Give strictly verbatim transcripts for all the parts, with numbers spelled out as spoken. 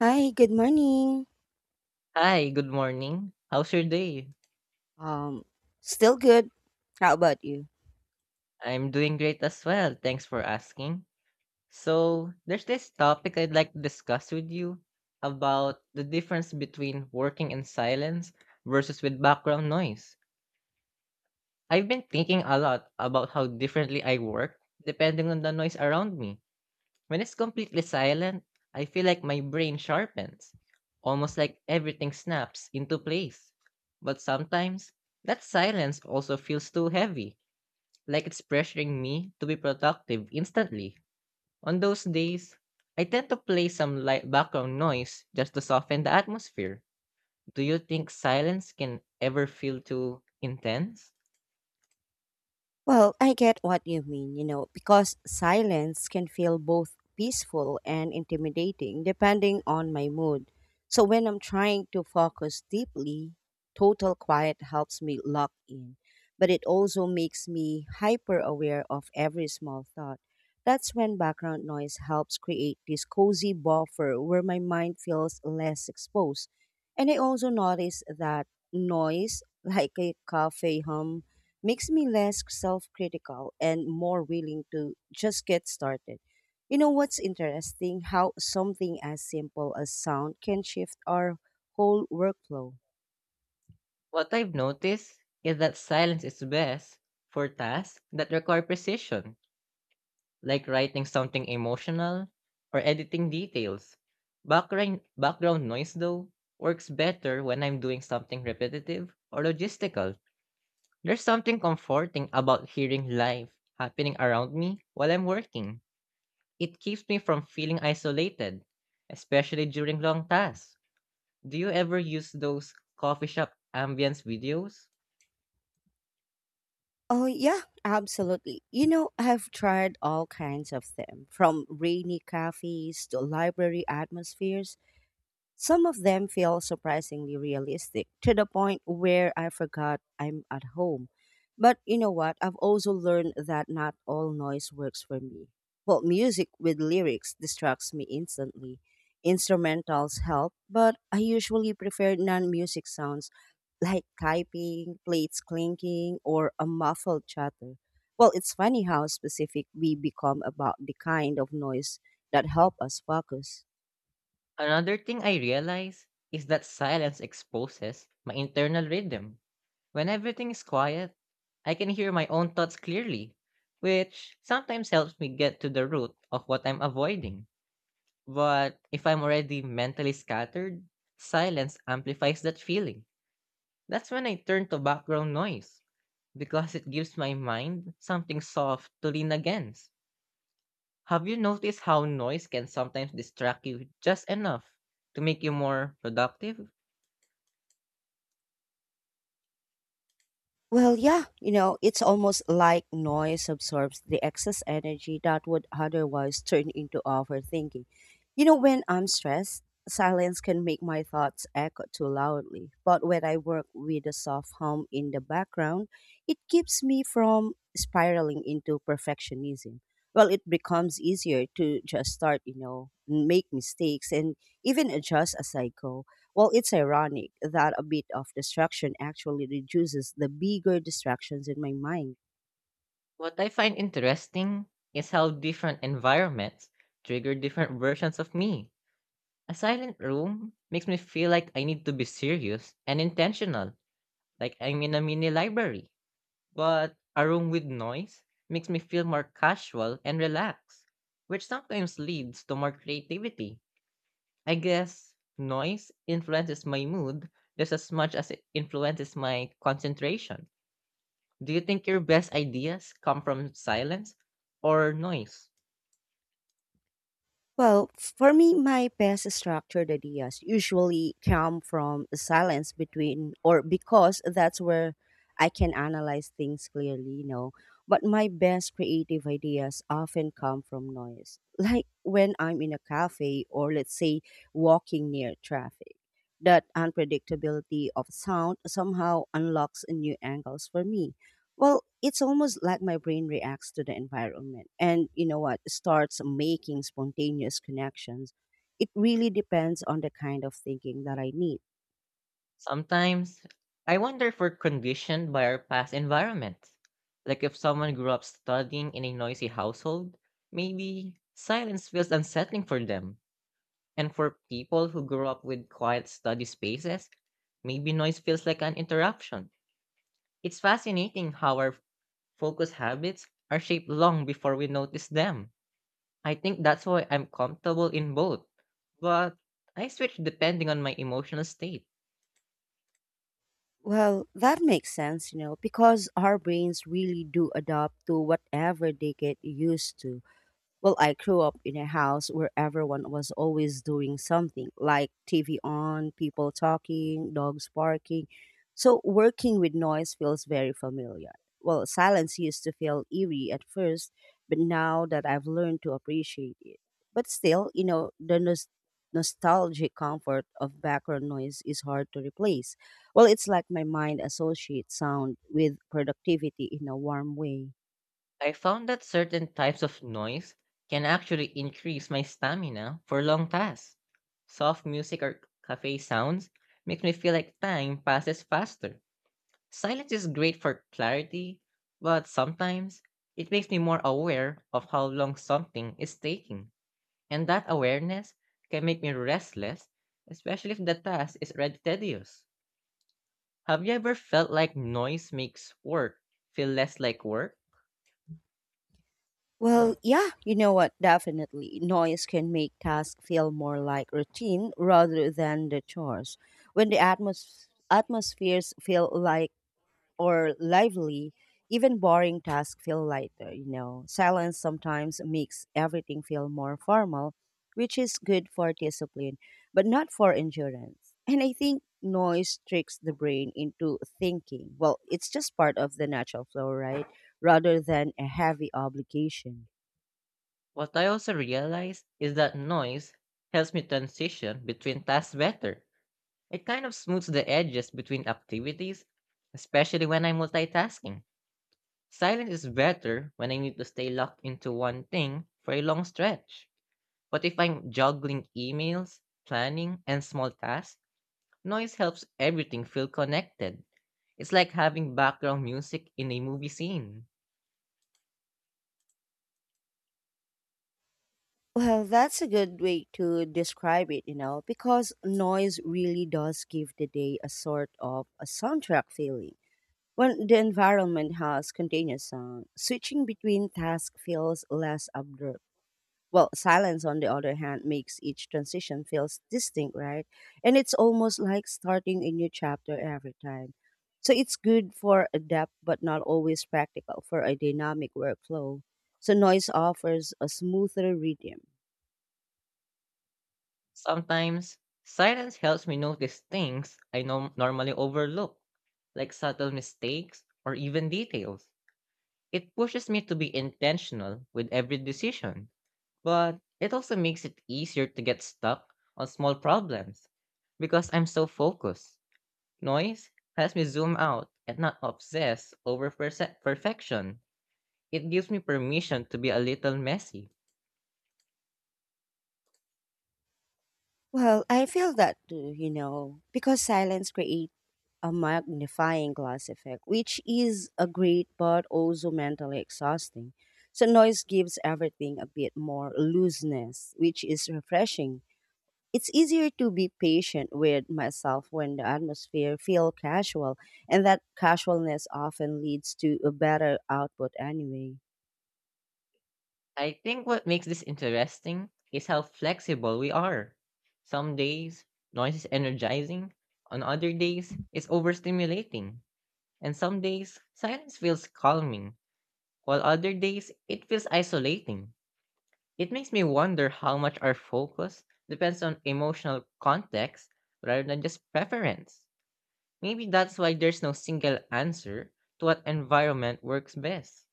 Hi, good morning. Hi, good morning. How's your day? Um, Still good. How about you? I'm doing great as well. Thanks for asking. So, there's this topic I'd like to discuss with you about the difference between working in silence versus with background noise. I've been thinking a lot about how differently I work depending on the noise around me. When it's completely silent, I feel like my brain sharpens, almost like everything snaps into place. But sometimes, that silence also feels too heavy, like it's pressuring me to be productive instantly. On those days, I tend to play some light background noise just to soften the atmosphere. Do you think silence can ever feel too intense? Well, I get what you mean, you know, because silence can feel both peaceful and intimidating depending on my mood. So when I'm trying to focus deeply, total quiet helps me lock in, but it also makes me hyper aware of every small thought. That's when background noise helps create this cozy buffer where my mind feels less exposed. And I also notice that noise, like a cafe hum, makes me less self critical and more willing to just get started. You know what's interesting? How something as simple as sound can shift our whole workflow. What I've noticed is that silence is best for tasks that require precision, like writing something emotional or editing details. Background, background noise, though, works better when I'm doing something repetitive or logistical. There's something comforting about hearing life happening around me while I'm working. It keeps me from feeling isolated, especially during long tasks. Do you ever use those coffee shop ambience videos? Oh, yeah, absolutely. You know, I've tried all kinds of them from rainy cafes to library atmospheres. Some of them feel surprisingly realistic to the point where I forgot I'm at home. But you know what? I've also learned that not all noise works for me. Well, music with lyrics distracts me instantly. Instrumentals help, but I usually prefer non music sounds like typing, plates clinking, or a muffled chatter. Well, it's funny how specific we become about the kind of noise that help us focus. Another thing I realize is that silence exposes my internal rhythm. When everything is quiet, I can hear my own thoughts clearly, which sometimes helps me get to the root of what I'm avoiding. But if I'm already mentally scattered, silence amplifies that feeling. That's when I turn to background noise because it gives my mind something soft to lean against. Have you noticed how noise can sometimes distract you just enough to make you more productive? Well, yeah, you know, it's almost like noise absorbs the excess energy that would otherwise turn into overthinking. You know, when I'm stressed, silence can make my thoughts echo too loudly. But when I work with a soft hum in the background, it keeps me from spiraling into perfectionism. Well, it becomes easier to just start, you know, make mistakes and even adjust as I go. Well, it's ironic that a bit of distraction actually reduces the bigger distractions in my mind. What I find interesting is how different environments trigger different versions of me. A silent room makes me feel like I need to be serious and intentional, like I'm in a mini library. But a room with noise makes me feel more casual and relaxed, which sometimes leads to more creativity. I guess noise influences my mood just as much as it influences my concentration. Do you think your best ideas come from silence or noise? Well, for me, my best structured ideas usually come from silence between, or because that's where I can analyze things clearly, you know. But my best creative ideas often come from noise, like when I'm in a cafe or, let's say, walking near traffic. That unpredictability of sound somehow unlocks new angles for me. Well, it's almost like my brain reacts to the environment and you know what starts making spontaneous connections. It really depends on the kind of thinking that I need. Sometimes I wonder if we're conditioned by our past environments. Like if someone grew up studying in a noisy household, maybe silence feels unsettling for them. And for people who grew up with quiet study spaces, maybe noise feels like an interruption. It's fascinating how our focus habits are shaped long before we notice them. I think that's why I'm comfortable in both, but I switch depending on my emotional state. Well, that makes sense, you know, because our brains really do adapt to whatever they get used to. Well, I grew up in a house where everyone was always doing something, like T V on, people talking, dogs barking. So working with noise feels very familiar. Well, silence used to feel eerie at first, but now that I've learned to appreciate it. But still, you know, the nos- nostalgic comfort of background noise is hard to replace. Well, it's like my mind associates sound with productivity in a warm way. I found that certain types of noise can actually increase my stamina for long tasks. Soft music or cafe sounds makes me feel like time passes faster. Silence is great for clarity, but sometimes it makes me more aware of how long something is taking. And that awareness can make me restless, especially if the task is already tedious. Have you ever felt like noise makes work feel less like work? Well, yeah, you know what? Definitely. Noise can make tasks feel more like routine rather than the chores. When the atmos- atmospheres feel like or lively, even boring tasks feel lighter, you know. Silence sometimes makes everything feel more formal, which is good for discipline, but not for endurance. And I think noise tricks the brain into thinking. Well, it's just part of the natural flow, right? Rather than a heavy obligation. What I also realize is that noise helps me transition between tasks better. It kind of smooths the edges between activities, especially when I'm multitasking. Silence is better when I need to stay locked into one thing for a long stretch. But if I'm juggling emails, planning, and small tasks, noise helps everything feel connected. It's like having background music in a movie scene. Well, that's a good way to describe it, you know, because noise really does give the day a sort of a soundtrack feeling. When the environment has continuous sound, switching between tasks feels less abrupt. Well, silence, on the other hand, makes each transition feels distinct, right? And it's almost like starting a new chapter every time. So it's good for a depth, but not always practical for a dynamic workflow. So noise offers a smoother rhythm. Sometimes, silence helps me notice things I norm- normally overlook, like subtle mistakes or even details. It pushes me to be intentional with every decision, but it also makes it easier to get stuck on small problems because I'm so focused. Noise helps me zoom out and not obsess over perse- perfection. It gives me permission to be a little messy. Well, I feel that too, you know, because silence creates a magnifying glass effect, which is a great but also mentally exhausting. So noise gives everything a bit more looseness, which is refreshing. It's easier to be patient with myself when the atmosphere feels casual, and that casualness often leads to a better output anyway. I think what makes this interesting is how flexible we are. Some days, noise is energizing, on other days, it's overstimulating, and some days, silence feels calming, while other days it feels isolating. It makes me wonder how much our focus depends on emotional context rather than just preference. Maybe that's why there's no single answer to what environment works best.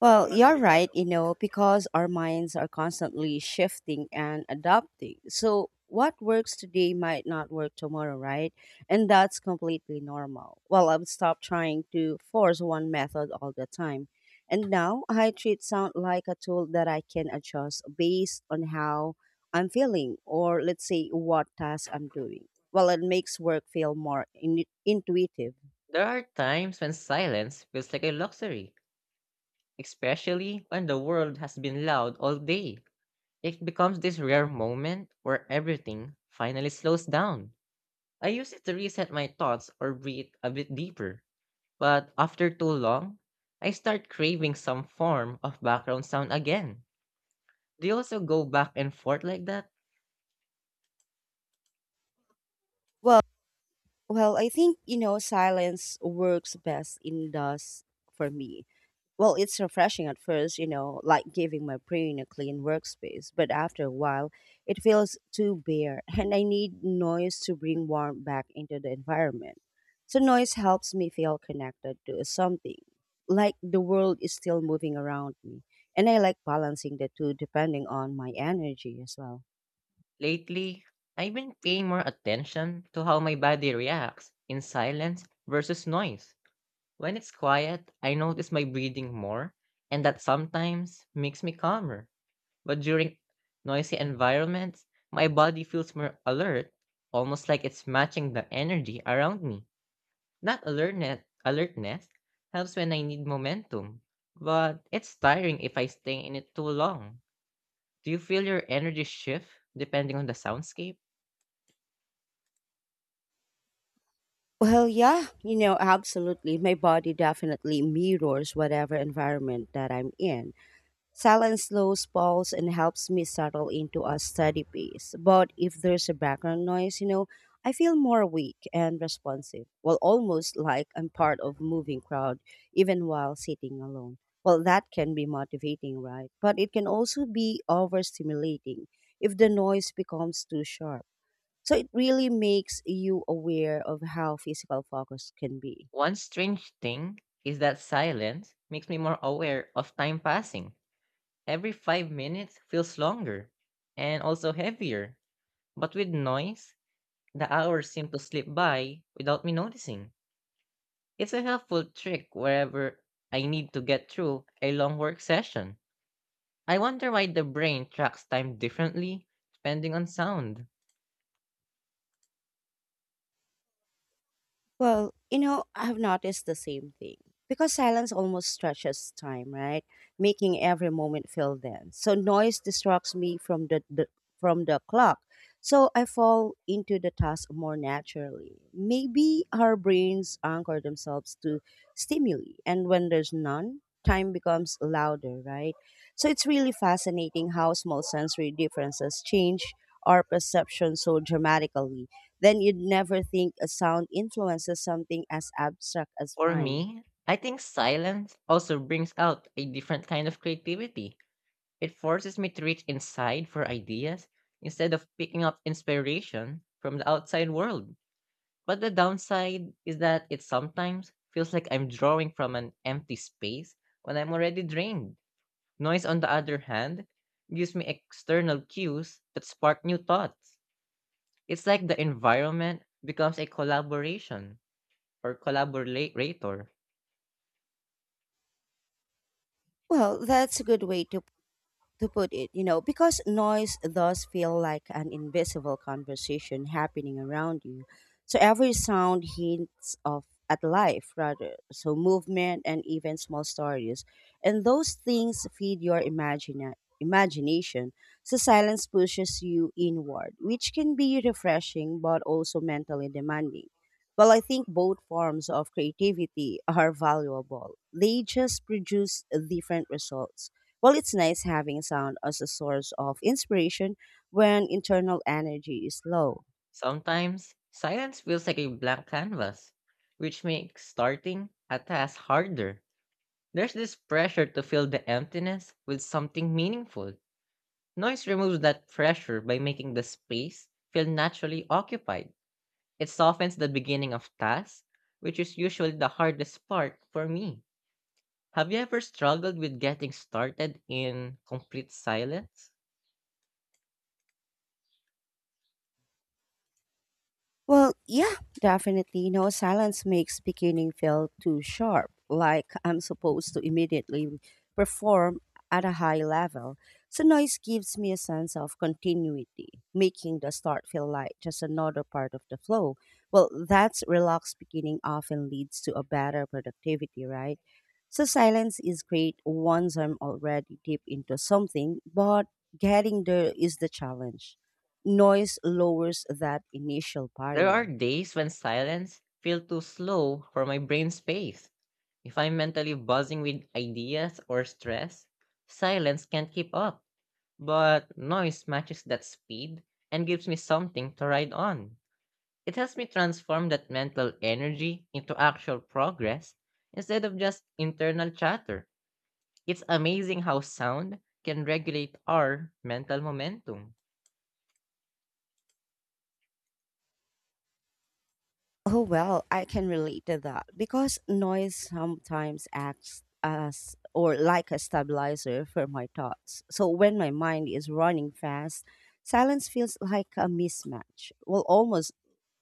Well, you're right, you know, because our minds are constantly shifting and adapting. So what works today might not work tomorrow, right? And that's completely normal. Well, I've stopped trying to force one method all the time. And now I treat sound like a tool that I can adjust based on how I'm feeling or, let's say, what task I'm doing. Well, it makes work feel more in- intuitive. There are times when silence feels like a luxury, especially when the world has been loud all day. It becomes this rare moment where everything finally slows down. I use it to reset my thoughts or breathe a bit deeper. But after too long, I start craving some form of background sound again. Do you also go back and forth like that? Well, Well, I think, you know, silence works best in dust for me. Well, it's refreshing at first, you know, like giving my brain a clean workspace, but after a while, it feels too bare, and I need noise to bring warmth back into the environment. So noise helps me feel connected to something, like the world is still moving around me, and I like balancing the two depending on my energy as well. Lately, I've been paying more attention to how my body reacts in silence versus noise. When it's quiet, I notice my breathing more, and that sometimes makes me calmer. But during noisy environments, my body feels more alert, almost like it's matching the energy around me. That alertness, alertness helps when I need momentum, but it's tiring if I stay in it too long. Do you feel your energy shift depending on the soundscape? Well, yeah, you know, absolutely. My body definitely mirrors whatever environment that I'm in. Silence slows pulse and helps me settle into a steady pace. But if there's a background noise, you know, I feel more weak and responsive. Well, almost like I'm part of moving crowd, even while sitting alone. Well, that can be motivating, right? But it can also be overstimulating if the noise becomes too sharp. So it really makes you aware of how physical focus can be. One strange thing is that silence makes me more aware of time passing. Every five minutes feels longer and also heavier, but with noise, the hours seem to slip by without me noticing. It's a helpful trick wherever I need to get through a long work session. I wonder why the brain tracks time differently depending on sound. Well, you know, I've noticed the same thing. Because silence almost stretches time, right? Making every moment feel dense. So noise distracts me from the, the from the clock. So I fall into the task more naturally. Maybe our brains anchor themselves to stimuli and when there's none, time becomes louder, right? So it's really fascinating how small sensory differences change our perception so dramatically then you'd never think a sound influences something as abstract as For mine. me, I think silence also brings out a different kind of creativity. It forces me to reach inside for ideas instead of picking up inspiration from the outside world. But the downside is that it sometimes feels like I'm drawing from an empty space when I'm already drained. Noise, on the other hand, gives me external cues that spark new thoughts. It's like the environment becomes a collaboration or collaborator. Well, that's a good way to to put it, you know, because noise does feel like an invisible conversation happening around you. So every sound hints of at life rather. So movement and even small stories. And those things feed your imagina- imagination. So silence pushes you inward, which can be refreshing but also mentally demanding. Well, I think both forms of creativity are valuable. They just produce different results. Well, it's nice having sound as a source of inspiration when internal energy is low. Sometimes silence feels like a blank canvas, which makes starting a task harder. There's this pressure to fill the emptiness with something meaningful. Noise removes that pressure by making the space feel naturally occupied. It softens the beginning of tasks, which is usually the hardest part for me. Have you ever struggled with getting started in complete silence? Well, yeah, definitely. You know, silence makes beginning feel too sharp, like I'm supposed to immediately perform at a high level. So noise gives me a sense of continuity, making the start feel like just another part of the flow. Well, that's relaxed beginning often leads to a better productivity, right? So silence is great once I'm already deep into something, but getting there is the challenge noise lowers that initial There are barrier. days when silence feels too slow for my brain space. If I'm mentally buzzing with ideas or stress, silence can't keep up. But noise matches that speed and gives me something to ride on. It helps me transform that mental energy into actual progress instead of just internal chatter. It's amazing how sound can regulate our mental momentum. Oh, well, I can relate to that because noise sometimes acts as or like a stabilizer for my thoughts. So when my mind is running fast, silence feels like a mismatch. Well, almost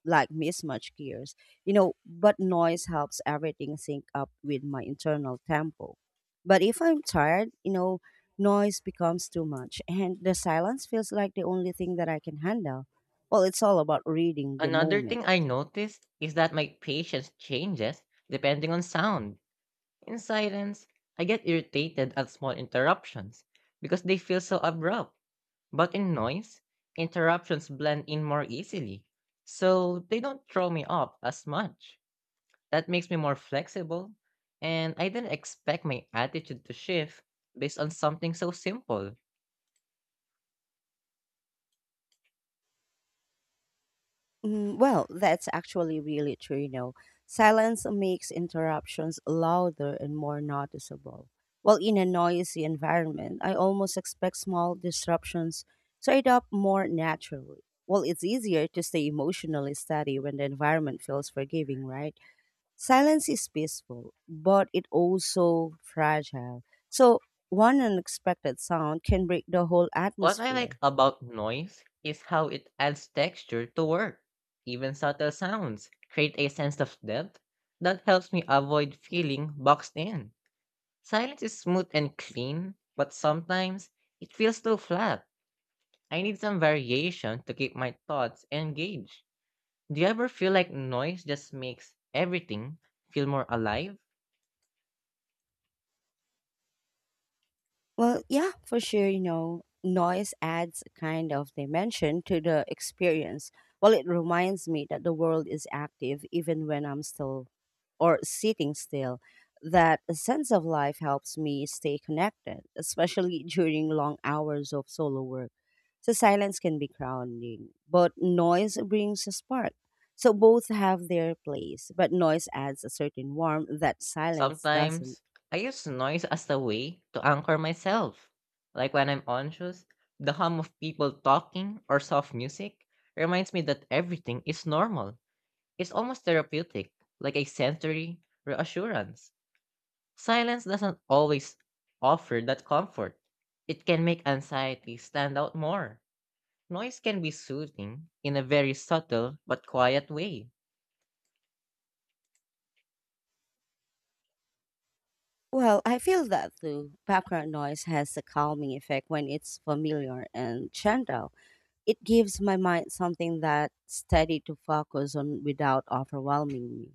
like mismatched gears, you know, but noise helps everything sync up with my internal tempo. But if I'm tired, you know, noise becomes too much and the silence feels like the only thing that I can handle. Well, it's all about reading the Another moment. thing I noticed is that my patience changes depending on sound. In silence, I get irritated at small interruptions because they feel so abrupt. But in noise, interruptions blend in more easily, so they don't throw me off as much. That makes me more flexible, and I didn't expect my attitude to shift based on something so simple. Mm, well, that's actually really true, you know. Silence makes interruptions louder and more noticeable. While in a noisy environment, I almost expect small disruptions to add up more naturally. Well, it's easier to stay emotionally steady when the environment feels forgiving, right? Silence is peaceful, but it also fragile. So one unexpected sound can break the whole What I like atmosphere. about noise is how it adds texture to work. Even subtle sounds create a sense of depth that helps me avoid feeling boxed in. Silence is smooth and clean, but sometimes it feels too flat. I need some variation to keep my thoughts engaged. Do you ever feel like noise just makes everything feel more alive? Well, yeah, for sure. You know, noise adds a kind of dimension to the experience. Well, it reminds me that the world is active even when I'm still or sitting still. That a sense of life helps me stay connected, especially during long hours of solo work. So silence can be grounding, but noise brings a spark. So both have their place, but noise adds a certain warmth that silence doesn't. Sometimes I use noise as a way to anchor myself. Like when I'm anxious, the hum of people talking or soft music reminds me that everything is normal. It's almost therapeutic, like a sensory reassurance. Silence doesn't always offer that comfort. It can make anxiety stand out more. Noise can be soothing in a very subtle but quiet way. Well, I feel that too. Background noise has a calming effect when it's familiar and gentle. It gives my mind something that's steady to focus on without overwhelming me.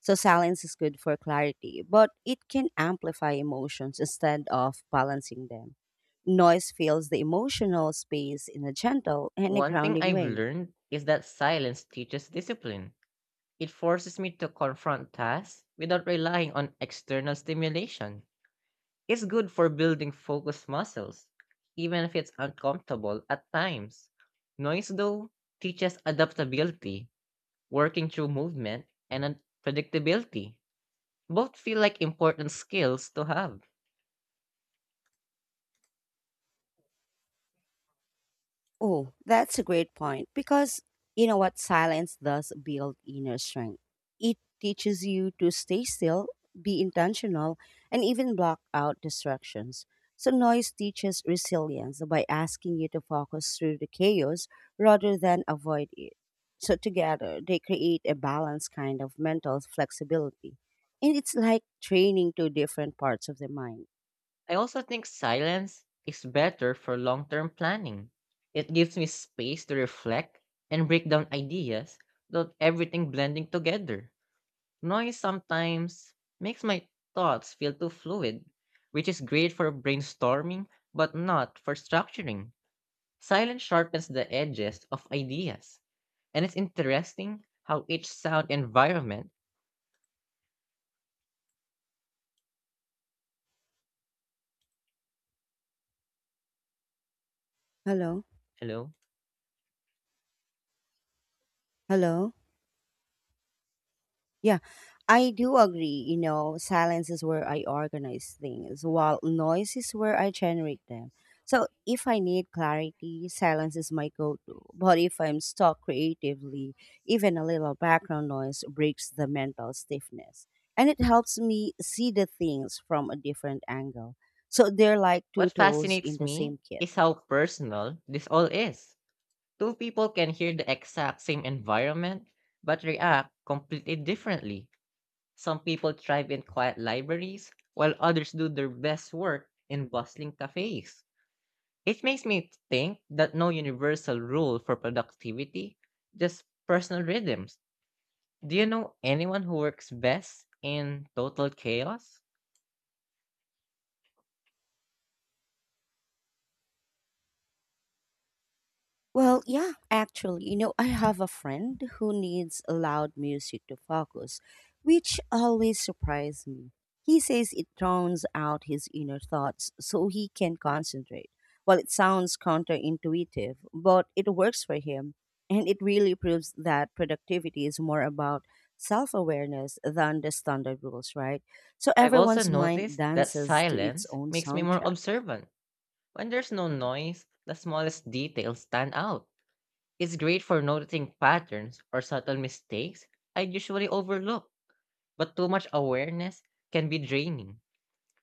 So silence is good for clarity, but it can amplify emotions instead of balancing them. Noise fills the emotional space in a gentle and a One thing grounding I've way. learned is that silence teaches discipline. It forces me to confront tasks without relying on external stimulation. It's good for building focus muscles, even if it's uncomfortable at times. Noise, though, teaches adaptability, working through movement, and un- predictability. Both feel like important skills to have. Oh, that's a great point because you know what? Silence does build inner strength. It teaches you to stay still, be intentional, and even block out distractions. So noise teaches resilience by asking you to focus through the chaos rather than avoid it. So together, they create a balanced kind of mental flexibility. And it's like training two different parts of the mind. I also think silence is better for long term planning. It gives me space to reflect and break down ideas without everything blending together. Noise sometimes makes my thoughts feel too fluid, which is great for brainstorming but not for structuring. Silence sharpens the edges of ideas, and it's interesting how each sound environment. Hello? Hello? Hello? Yeah, I do agree. You know, silence is where I organize things, while noise is where I generate them. So if I need clarity, silence is my go to. But if I'm stuck creatively, even a little background noise breaks the mental stiffness. And it helps me see the things from a different angle. So they're like What two tools fascinates in the me same kit. is how personal this all is. Two people can hear the exact same environment but react completely differently. Some people thrive in quiet libraries, while others do their best work in bustling cafes. It makes me think that no universal rule for productivity, just personal rhythms. Do you know anyone who works best in total chaos? Well, yeah, actually, you know, I have a friend who needs loud music to focus, which always surprised me. He says it drowns out his inner thoughts so he can concentrate. Well, it sounds counterintuitive, but it works for him. And it really proves that productivity is more about self awareness than the standard rules, right? So I've also everyone's mind noticed that dances to its silence own makes me more soundtrack. observant. When there's no noise, the smallest details stand out. It's great for noticing patterns or subtle mistakes I usually overlook, but too much awareness can be draining,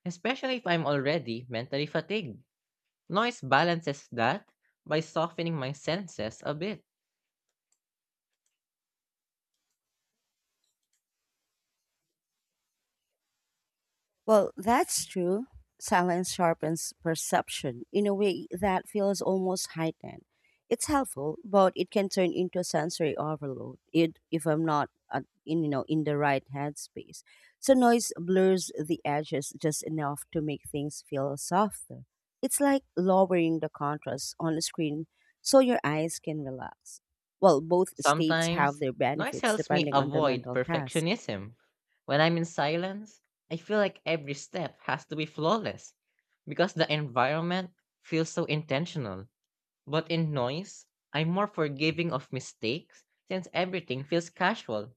especially if I'm already mentally fatigued. Noise balances that by softening my senses a bit. Well, that's true. Silence sharpens perception in a way that feels almost heightened. It's helpful, but it can turn into sensory overload it, if I'm not uh, in, you know, in the right headspace. So noise blurs the edges just enough to make things feel softer. It's like lowering the contrast on the screen so your eyes can relax. Well, both states have Sometimes, their noise benefits helps me depending on the avoid mental task. perfectionism. When I'm in silence, I feel like every step has to be flawless because the environment feels so intentional. But in noise, I'm more forgiving of mistakes since everything feels casual.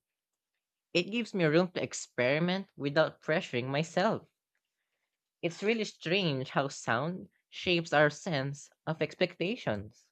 It gives me room to experiment without pressuring myself. It's really strange how sound shapes our sense of expectations.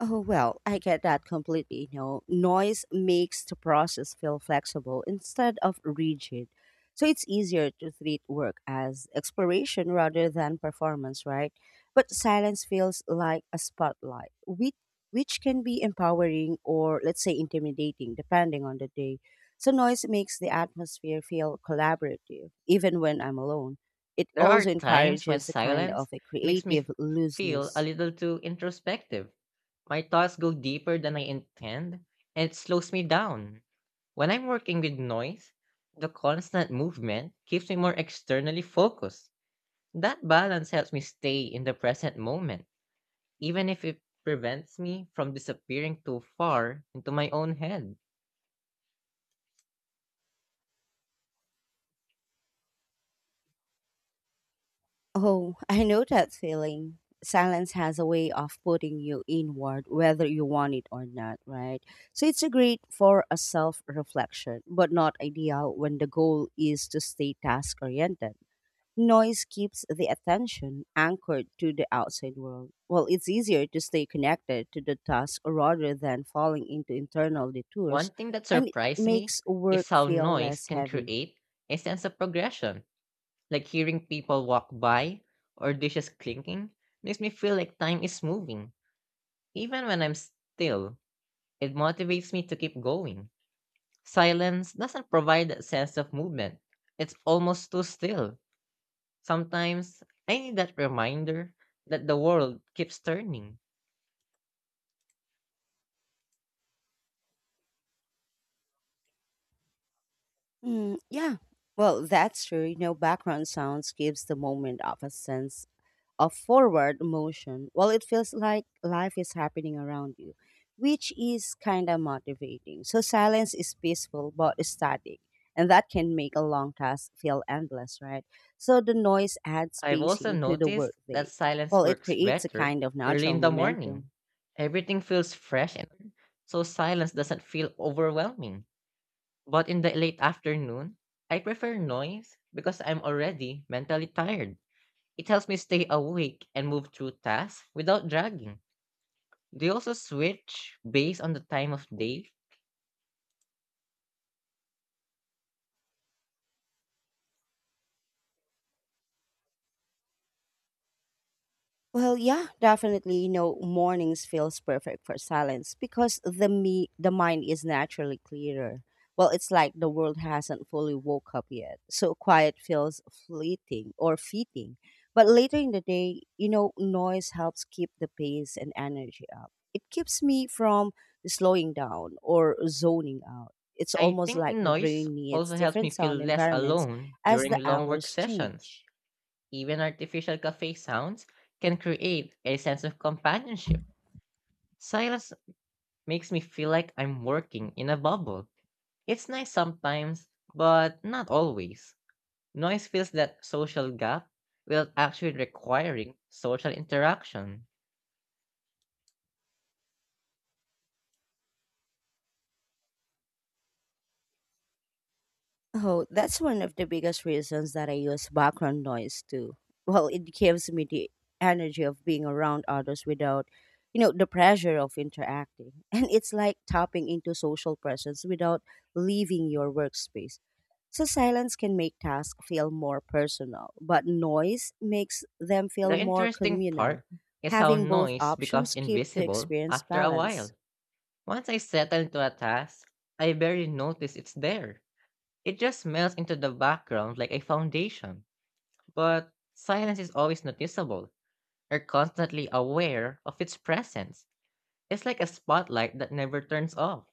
Oh, well, I get that completely. You know, noise makes the process feel flexible instead of rigid. So it's easier to treat work as exploration rather than performance, right? But silence feels like a spotlight, which, which can be empowering or, let's say, intimidating, depending on the day. So noise makes the atmosphere feel collaborative, even when I'm alone. It There are also times when encourages a kind silence of a makes me f- creative feel a looseness. little too introspective. My thoughts go deeper than I intend, and it slows me down. When I'm working with noise, the constant movement keeps me more externally focused. That balance helps me stay in the present moment, even if it prevents me from disappearing too far into my own head. Oh, I know that feeling. Silence has a way of putting you inward, whether you want it or not, right? So it's a great for a self reflection, but not ideal when the goal is to stay task oriented. Noise keeps the attention anchored to the outside world. Well, it's easier to stay connected to the task rather than falling into internal One detours, thing that and it surprised me makes work is how feel noise less can heavy. create a sense of progression. Like hearing people walk by or dishes clinking makes me feel like time is moving. Even when I'm still, it motivates me to keep going. Silence doesn't provide that sense of movement, it's almost too still. Sometimes I need that reminder that the world keeps turning. Mm, yeah. Well, that's true. You know, background sounds gives the moment of a sense of forward motion. Well, it feels like life is happening around you, which is kind of motivating. So silence is peaceful but static, and that can make a long task feel endless, right? So the noise adds I've also spacing to the noticed workday. that silence Well, it works creates a better kind of early natural in the morning. momentum. Everything feels fresh and so silence doesn't feel overwhelming. But in the late afternoon, I prefer noise because I'm already mentally tired. It helps me stay awake and move through tasks without dragging. They also switch based on the time of day. Well, yeah, definitely. You know, mornings feels perfect for silence because the me the mind is naturally clearer. Well, it's like the world hasn't fully woke up yet, so quiet feels fleeting or fitting. But later in the day, you know, noise helps keep the pace and energy up. It keeps me from slowing down or zoning out. It's I almost think like the noise brain needs also helps me different feel sound less environments alone as during the long work hours sessions. change. Even artificial cafe sounds can create a sense of companionship. Silence makes me feel like I'm working in a bubble. It's nice sometimes, but not always. Noise fills that social gap without actually requiring social interaction. Oh, that's one of the biggest reasons that I use background noise too. Well, it gives me the energy of being around others without, you know, the pressure of interacting. And it's like tapping into social presence without leaving your workspace. So silence can make tasks feel more personal, but noise makes them The feel more interesting communal. part is how Having both noise becomes options keep the invisible experience after a while. balanced. Once I settle into a task, I barely notice it's there. It just melts into the background like a foundation. But silence is always noticeable. You're constantly aware of its presence. It's like a spotlight that never turns off.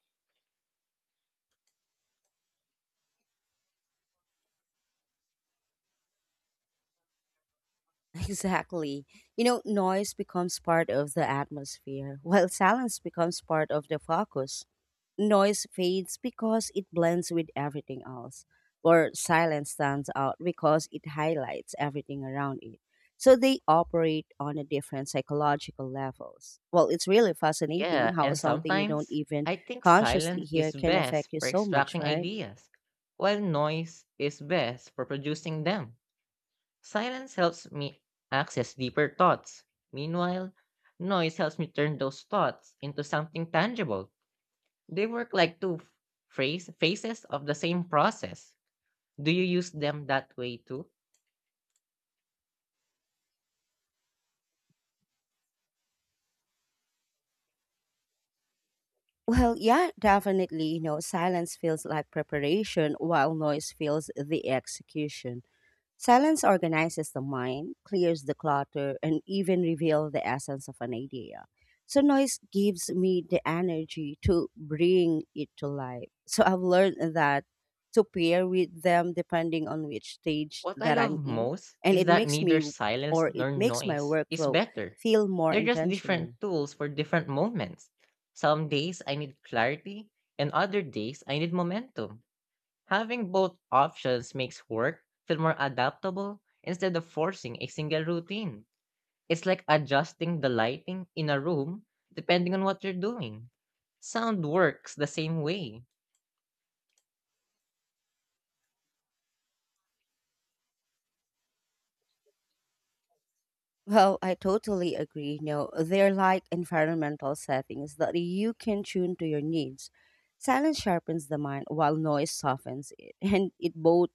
Exactly. You know, noise becomes part of the atmosphere, while silence becomes part of the focus. Noise fades because it blends with everything else, or silence stands out because it highlights everything around it. So they operate on a different psychological levels. Well, it's really fascinating Yeah, how and something you don't sometimes even I think consciously silence hear is can best affect you for so much, extracting right? ideas, while noise is best for producing them. Silence helps me access deeper thoughts. Meanwhile, noise helps me turn those thoughts into something tangible. They work like two phrase, phases of the same process. Do you use them that way too? Well, yeah, definitely. You know, silence feels like preparation while noise feels the execution. Silence organizes the mind, clears the clutter, and even reveals the essence of an idea. So noise gives me the energy to bring it to life. So I've learned that to pair with them depending on which stage What I that love I'm in. most And is it that makes neither me silence or it nor makes my noise is workflow better. feel more They're just different intentional. tools for different moments. Some days I need clarity, and other days I need momentum. Having both options makes work feel more adaptable instead of forcing a single routine. It's like adjusting the lighting in a room depending on what you're doing. Sound works the same way. Well, I totally agree. No, they're like environmental settings that you can tune to your needs. Silence sharpens the mind while noise softens it, and it both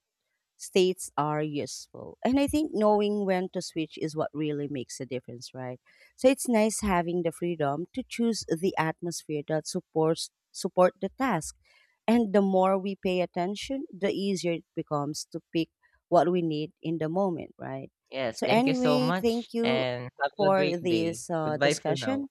states are useful. And I think knowing when to switch is what really makes a difference, right? So it's nice having the freedom to choose the atmosphere that supports support the task. And the more we pay attention, the easier it becomes to pick what we need in the moment, right? Yes, So thank you so anyway, much, thank you and have a great for day. this uh, Goodbye for now. discussion.